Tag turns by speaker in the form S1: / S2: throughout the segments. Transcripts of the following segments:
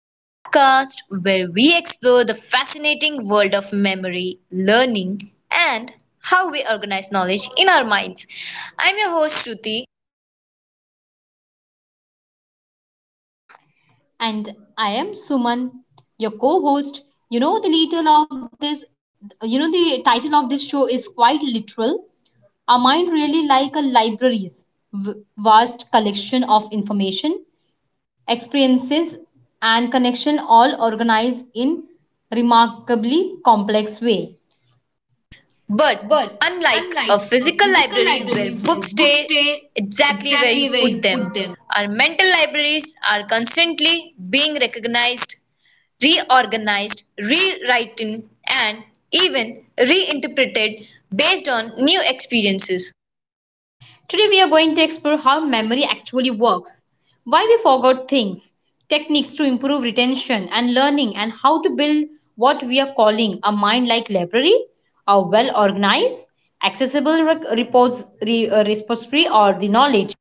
S1: the podcast where we explore the fascinating world of memory, learning, and how we organize knowledge in our minds. I'm your host, Shruti.
S2: And I am Suman, your co host. You know, the title of this, you know, the title of this show is quite literal. Our mind really like a library's vast collection of information, experiences, and connection all organized in remarkably complex way.
S1: But
S2: But
S1: unlike a
S2: unlike a
S1: physical
S2: physical
S1: library where
S2: library where
S1: books
S2: books
S1: stay
S2: stay
S1: exactly where you
S2: exactly where
S1: put
S2: you put
S1: them,
S2: them,
S1: our mental libraries are constantly being recognized, reorganized, rewritten, and even reinterpreted based on new experiences.
S2: today, we are going to explore how memory actually works, why we forgot things, techniques to improve retention and learning, and how to build what we are calling a mind like library, a well organized, accessible repository, or the knowledge.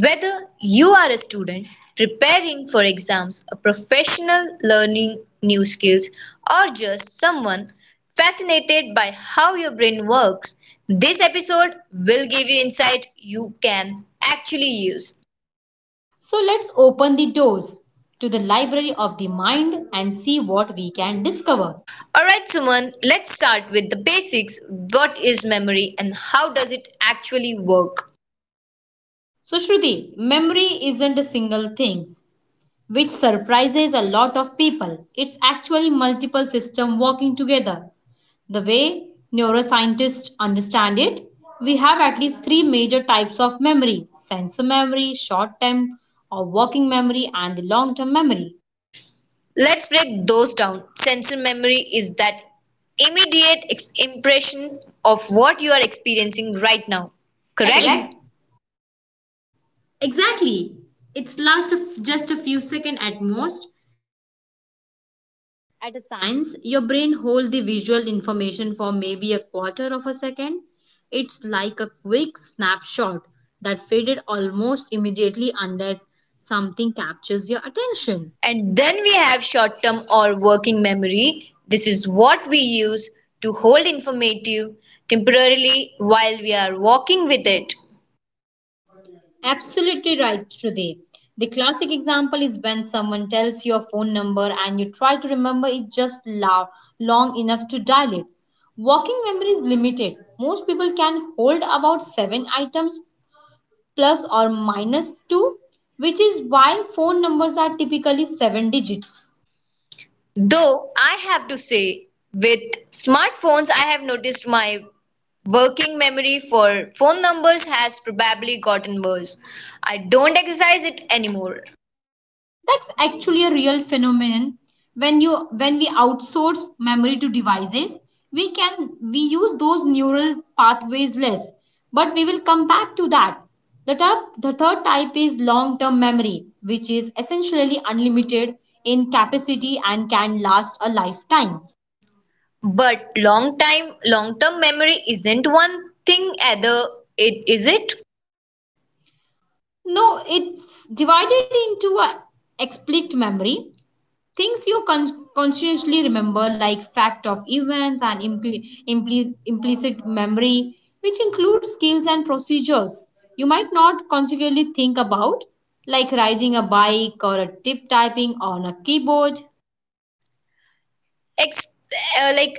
S1: Whether you are a student preparing for exams, a professional learning new skills, or just someone fascinated by how your brain works, this episode will give you insight you can actually use.
S2: So, let's open the doors to the library of the mind and see what we can discover.
S1: Alright, Suman, let's start with the basics. What is memory and how does it actually work?
S2: So, Shruti, memory isn't a single thing, which surprises a lot of people. It's actually multiple systems working together. The way neuroscientists understand it, we have at least three major types of memory sensor memory, short term or working memory, and the long term memory.
S1: Let's break those down. Sensory memory is that immediate impression of what you are experiencing right now, correct?
S2: Correct? Exactly. It's last just a few seconds at most. At a science, your brain holds the visual information for maybe a quarter of a second. It's like a quick snapshot that faded almost immediately unless something captures your attention.
S1: And then we have short term or working memory. This is what we use to hold informative temporarily while we are walking with it.
S2: Absolutely right, Shruti. The classic example is when someone tells your phone number and you try to remember it long enough to dial it. Walking memory is limited. Most people can hold about 7 items plus or minus 2, which is why phone numbers are typically 7 digits.
S1: Though I have to say, with smartphones, I have noticed my working memory for phone numbers has probably gotten worse. I don't exercise it anymore.
S2: That's actually a real phenomenon when we outsource memory to devices we use those neural pathways less, but we will come back to that. The third type is long term memory, which is essentially unlimited in capacity and can last a lifetime.
S1: But long-term memory isn't one thing either, it is it?
S2: No, it's divided into a explicit memory. Things you consciously remember, like fact of events, and implicit memory, which includes skills and procedures you might not consciously think about, like riding a bike or a tip typing on a keyboard.
S1: Ex like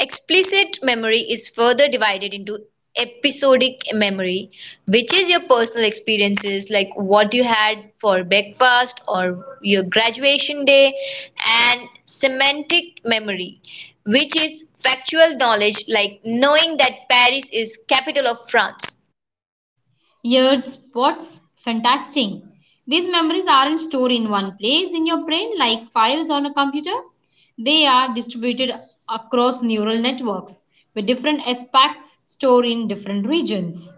S1: explicit memory is further divided into episodic memory, which is your personal experiences, like what you had for breakfast or your graduation day, and semantic memory, which is factual knowledge, like knowing that Paris is capital of France.
S2: Years, what's fantastic. These memories aren't stored in one place in your brain like files on a computer. They are distributed across neural networks with different aspects stored in different regions.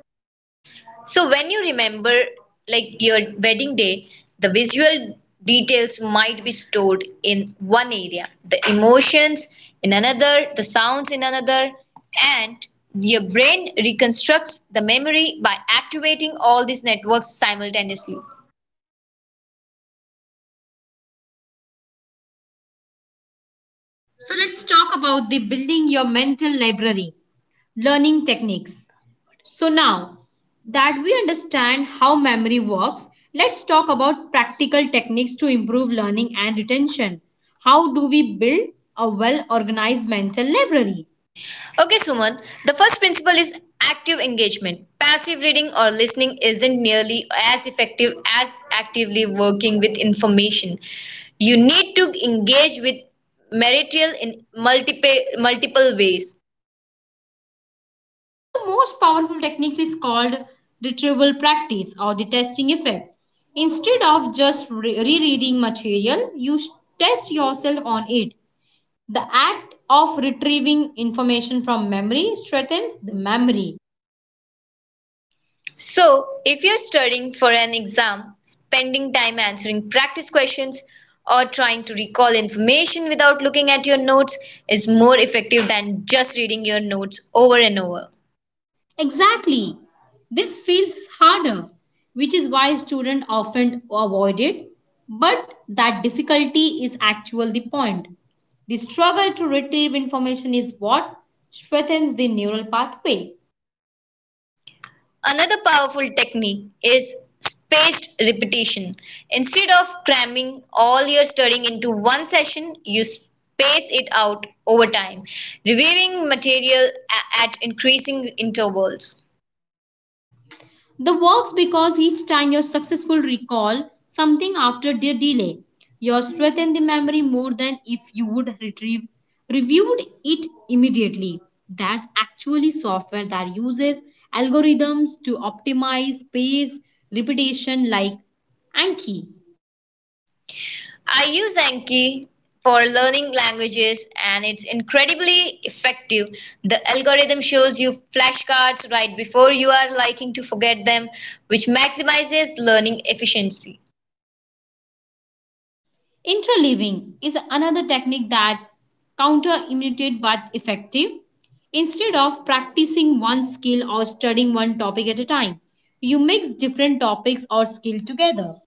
S1: So when you remember like your wedding day, the visual details might be stored in one area, the emotions in another, the sounds in another, and your brain reconstructs the memory by activating all these networks simultaneously.
S2: So let's talk about the building your mental library learning techniques. So now that we understand how memory works, let's talk about practical techniques to improve learning and retention. How do we build a well organized mental library?
S1: Okay, Suman, the first principle is active engagement. Passive reading or listening isn't nearly as effective as actively working with information. You need to engage with material in multiple ways.
S2: One of the most powerful techniques is called retrieval practice or the testing effect. Instead of just rereading material, you test yourself on it. The act of retrieving information from memory strengthens the memory.
S1: So, if you're studying for an exam, spending time answering practice questions, or trying to recall information without looking at your notes is more effective than just reading your notes over and over.
S2: Exactly. This feels harder, which is why students often avoid it. But that difficulty is actually the point. The struggle to retrieve information is what strengthens the neural pathway.
S1: Another powerful technique is spaced repetition. Instead of cramming all your studying into one session, you space it out over time, reviewing material at increasing intervals.
S2: The works because each time your successful recall something after their delay, you strengthen the memory more than if you would retrieve reviewed it immediately. That's actually software that uses algorithms to optimize spaced repetition, like Anki.
S1: I use Anki for learning languages, and it's incredibly effective. The algorithm shows you flashcards right before you are likely to forget them, which maximizes learning efficiency.
S2: Interleaving is another technique that counterintuitive but effective. Instead of practicing one skill or studying one topic at a time, you mix different topics or skill together.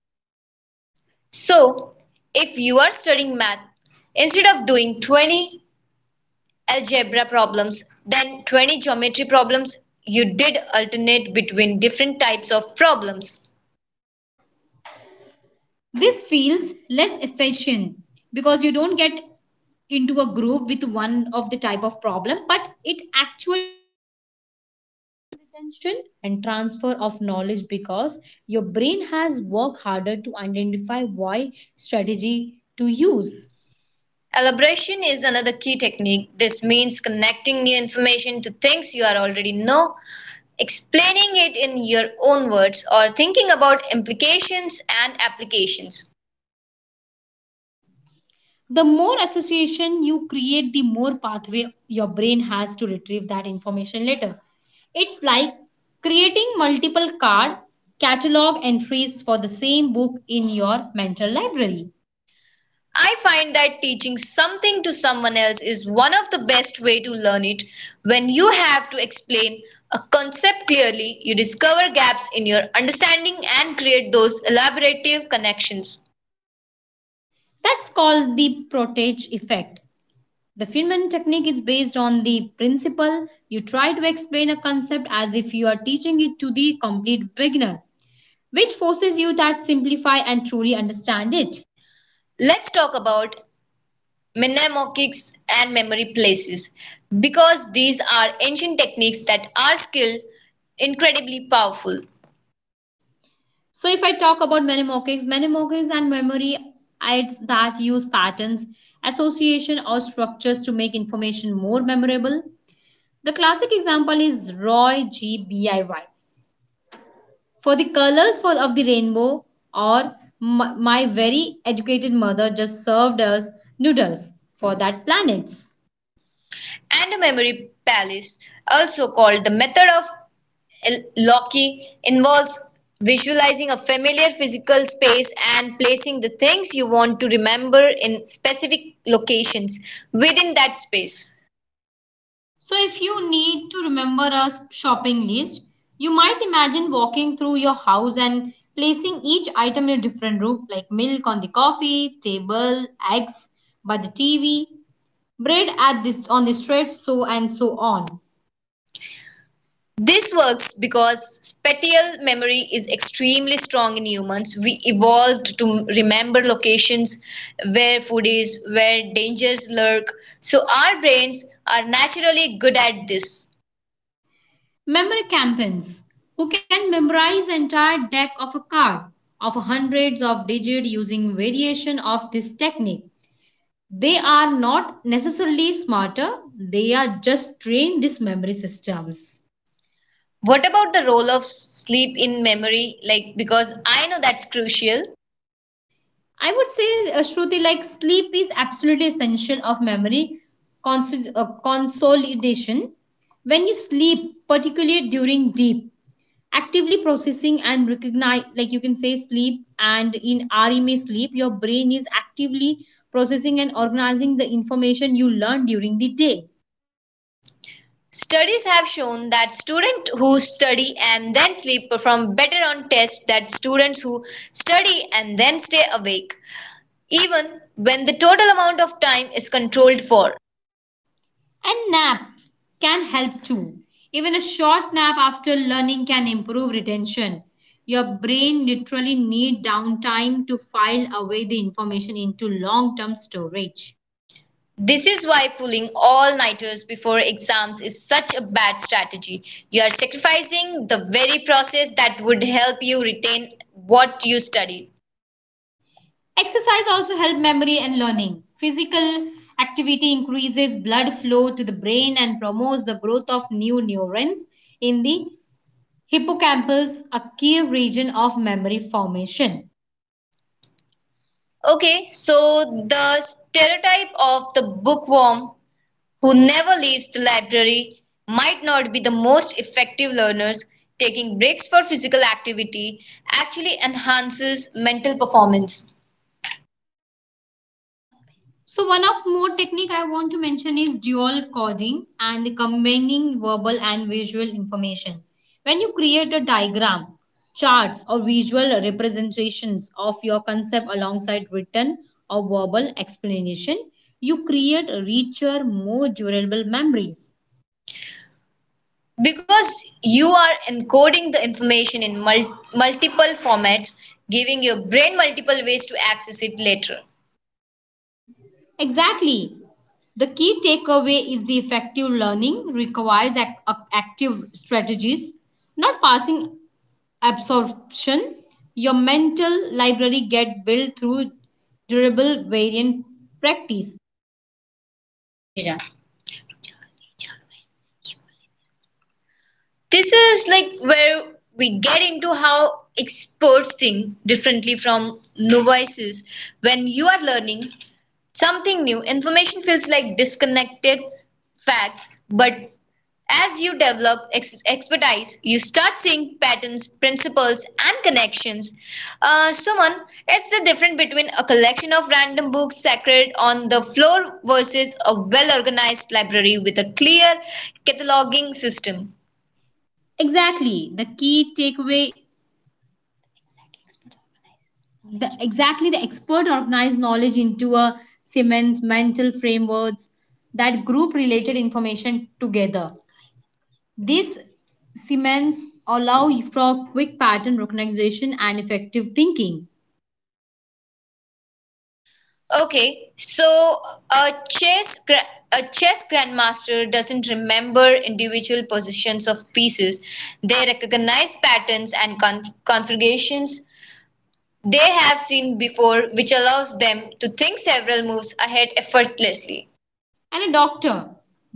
S1: So, if you are studying math, instead of doing 20 algebra problems, then 20 geometry problems, you did alternate between different types of problems.
S2: This feels less efficient because you don't get into a groove with one of the type of problem, but it actually retention and transfer of knowledge because your brain has worked harder to identify why strategy to use.
S1: Elaboration is another key technique. This means connecting new information to things you are already know, explaining it in your own words, or thinking about implications and applications.
S2: The more association you create, the more pathway your brain has to retrieve that information later. It's like creating multiple card catalog entries for the same book in your mental library.
S1: I find that teaching something to someone else is one of the best way to learn it. When you have to explain a concept clearly, you discover gaps in your understanding and create those elaborative connections.
S2: That's called the Protege effect. The Feynman technique is based on the principle you try to explain a concept as if you are teaching it to the complete beginner, which forces you to simplify and truly understand it.
S1: Let's talk about mnemonics and memory places because these are ancient techniques that are still incredibly powerful.
S2: So if I talk about mnemonics, mnemonics and memory aids that use patterns, association or structures to make information more memorable. The classic example is Roy G. B. I. Y. for the colors for, of the rainbow, or my very educated mother just served us noodles for that planets.
S1: And the memory palace, also called the method of Loki, involves visualizing a familiar physical space and placing the things you want to remember in specific locations within that space.
S2: So, if you need to remember a shopping list, you might imagine walking through your house and placing each item in a different room, like milk on the coffee table, eggs by the TV, bread at this on the street, so and so on.
S1: This works because spatial memory is extremely strong in humans. We evolved to remember locations where food is, where dangers lurk. So our brains are naturally good at this.
S2: Memory campaigns who can memorize entire deck of a card of hundreds of digits using variation of this technique. They are not necessarily smarter; they are just trained these memory systems.
S1: What about the role of sleep in memory? Like, because I know that's crucial.
S2: I would say, Shruti, like sleep is absolutely essential of memory consolidation. When you sleep, particularly during deep, actively processing and recognize, like you can say sleep and in REM sleep, your brain is actively processing and organizing the information you learn during the day.
S1: Studies have shown that students who study and then sleep perform better on tests than students who study and then stay awake, even when the total amount of time is controlled for.
S2: And naps can help too. Even a short nap after learning can improve retention. Your brain literally needs downtime to file away the information into long-term storage.
S1: This is why pulling all nighters before exams is such a bad strategy. You are sacrificing the very process that would help you retain what you studied.
S2: Exercise also helps memory and learning. Physical activity increases blood flow to the brain and promotes the growth of new neurons in the hippocampus, a key region of memory formation.
S1: Okay, so the stereotype of the bookworm who never leaves the library might not be the most effective learners. Taking breaks for physical activity actually enhances mental performance
S2: So one of more technique I want to mention is dual coding and combining verbal and visual information. When you create a diagram, charts or visual representations of your concept alongside written or verbal explanation, you create richer, more durable memories.
S1: because you are encoding the information in multiple formats, giving your brain multiple ways to access it later.
S2: Exactly. The key takeaway is the effective learning requires active strategies, not passing absorption. Your mental library get built through durable variant practice.
S1: नीचे जाएँ. This is like where we get into how experts think differently from novices. When you are learning, something new, information feels like disconnected facts, but as you develop expertise, you start seeing patterns, principles, and connections. Suman, it's the difference between a collection of random books sacred on the floor versus a well organized library with a clear cataloging system.
S2: Exactly the key takeaway the, Exactly, the expert organized knowledge into a Siemens mental frameworks that group related information together. This Siemens allow for quick pattern recognition and effective thinking.
S1: Okay, so a chess grandmaster doesn't remember individual positions of pieces. They recognize patterns and configurations they have seen before, which allows them to think several moves ahead effortlessly.
S2: And a doctor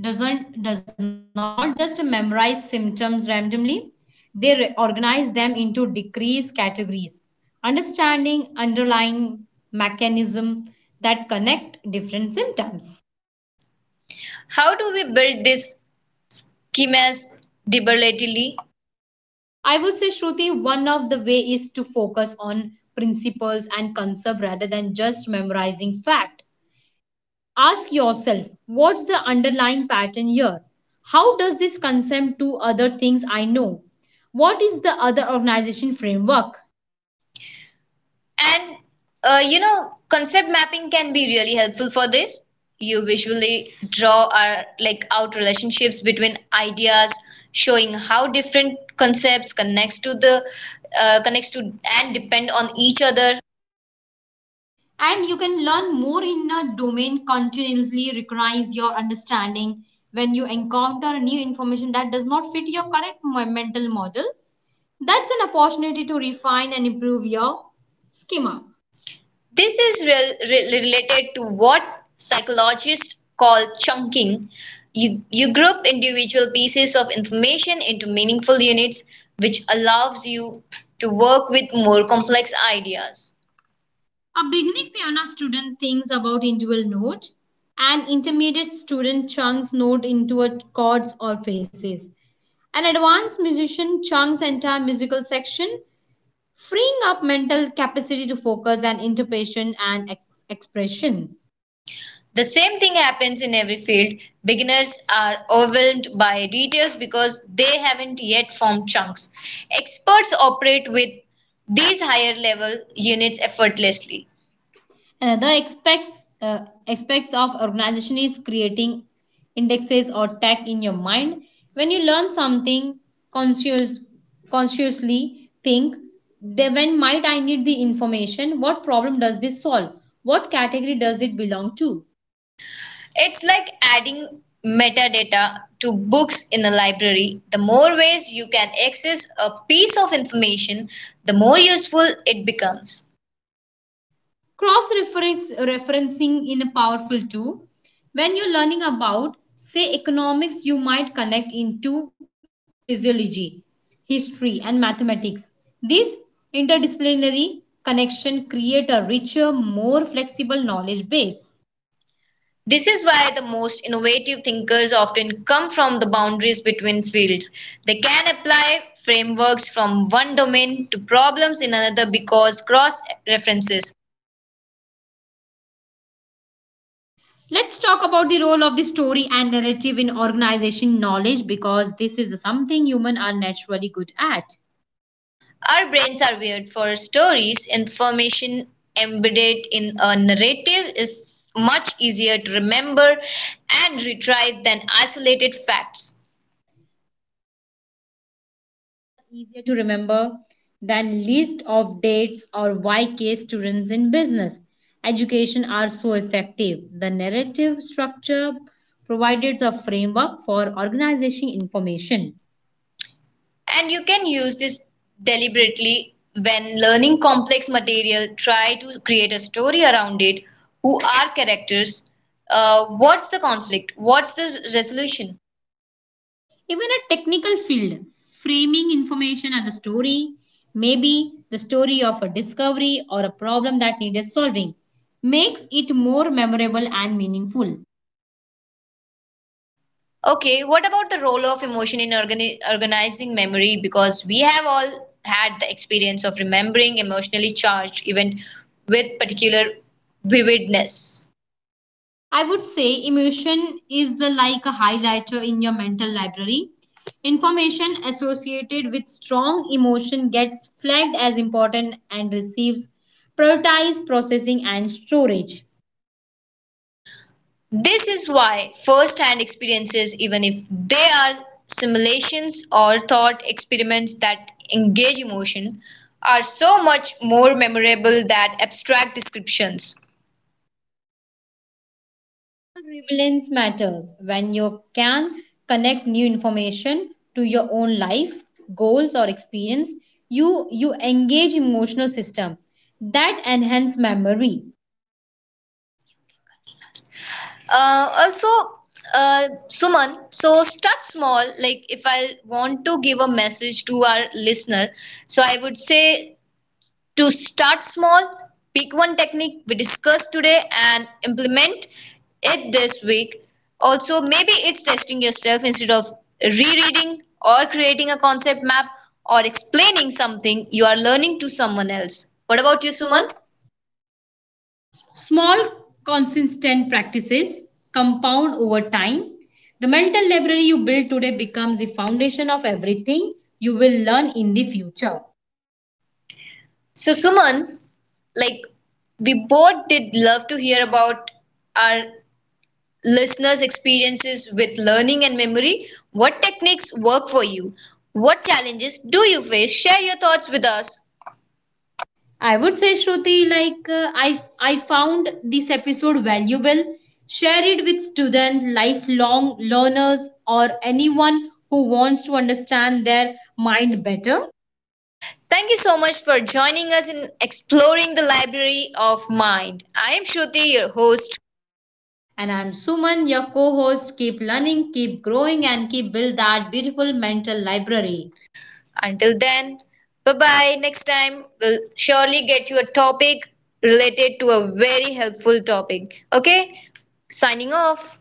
S2: does not just memorize symptoms randomly. They organize them into decrease categories, understanding underlying mechanism that connect different symptoms.
S1: How do we build this schemas deliberately?
S2: I would say, Shruti, one of the way is to focus on principles and concept rather than just memorizing fact. Ask yourself, what's the underlying pattern here? How does this concept to other things I know? What is the other organization framework?
S1: And you know, concept mapping can be really helpful for this. You visually draw our, like out relationships between ideas, showing how different concepts connects to uh, connects to and depend on each other.
S2: And you can learn more in a domain continuously recognize your understanding when you encounter new information that does not fit your current mental model. That's an opportunity to refine and improve your schema.
S1: This is related to what psychologists call chunking. You group individual pieces of information into meaningful units, which allows you to work with more complex ideas.
S2: A beginning piano student thinks about individual notes. An intermediate student chunks notes into chords or phrases. An advanced musician chunks entire musical section, freeing up mental capacity to focus and interpretation and expression.
S1: The same thing happens in every field. Beginners are overwhelmed by details because they haven't yet formed chunks. Experts operate with these higher level units effortlessly.
S2: Another aspects of organization is creating indexes or tag in your mind. When you learn something conscious, consciously think, then when might I need the information? What problem does this solve? What category does it belong to?
S1: It's like adding metadata to books in a library. The more ways you can access a piece of information, the more useful it becomes.
S2: Cross referencing in a powerful too. When you're learning about say economics, you might connect into physiology, history and mathematics. This interdisciplinary connection creates a richer, more flexible knowledge base.
S1: This is why the most innovative thinkers often come from the boundaries between fields. They can apply frameworks from one domain to problems in another because cross references.
S2: Let's talk about the role of the story and narrative in organization knowledge, because this is something humans are naturally good at.
S1: Our brains are wired for stories, information embedded in a narrative is much easier to remember and retrieve than isolated facts.
S2: Easier to remember than list of dates or YK students in business. Education are so effective. The narrative structure provides a framework for organizing information.
S1: And you can use this deliberately when learning complex material, try to create a story around it. Who are characters? What's the conflict? What's the resolution?
S2: Even a technical field, framing information as a story, maybe the story of a discovery or a problem that needed solving, makes it more memorable and meaningful.
S1: Okay, what about the role of emotion in organizing memory? Because we have all had the experience of remembering emotionally charged event with particular vividness.
S2: I would say emotion is the like a highlighter in your mental library. Information associated with strong emotion gets flagged as important and receives prioritized processing and storage.
S1: This is why first hand experiences, even if they are simulations or thought experiments that engage emotion, are so much more memorable than abstract descriptions.
S2: Relevance matters when you can connect new information to your own life, goals or experience. You engage emotional system that enhance memory.
S1: Uh, also, Suman, so start small. Like if I want to give a message to our listener, so I would say to start small, pick one technique we discussed today and implement it this week. Also, maybe it's testing yourself instead of rereading or creating a concept map or explaining something you are learning to someone else. What about you, Suman?
S2: Small, consistent practices compound over time. The mental library you build today becomes the foundation of everything you will learn in the future.
S1: So, Suman, like we both did love to hear about our listeners' experiences with learning and memory. What techniques work for you? What challenges do you face? Share your thoughts with us.
S2: I would say, Shruti, like I found this episode valuable. Share it with students, lifelong learners, or anyone who wants to understand their mind better.
S1: Thank you so much for joining us in exploring the library of mind. I am Shruti, your host.
S2: And I'm Suman, your co host. Keep learning, keep growing, and keep build that beautiful mental library.
S1: Until then, bye bye. Next time, we'll surely get you a topic related to a very helpful topic. Okay, signing off.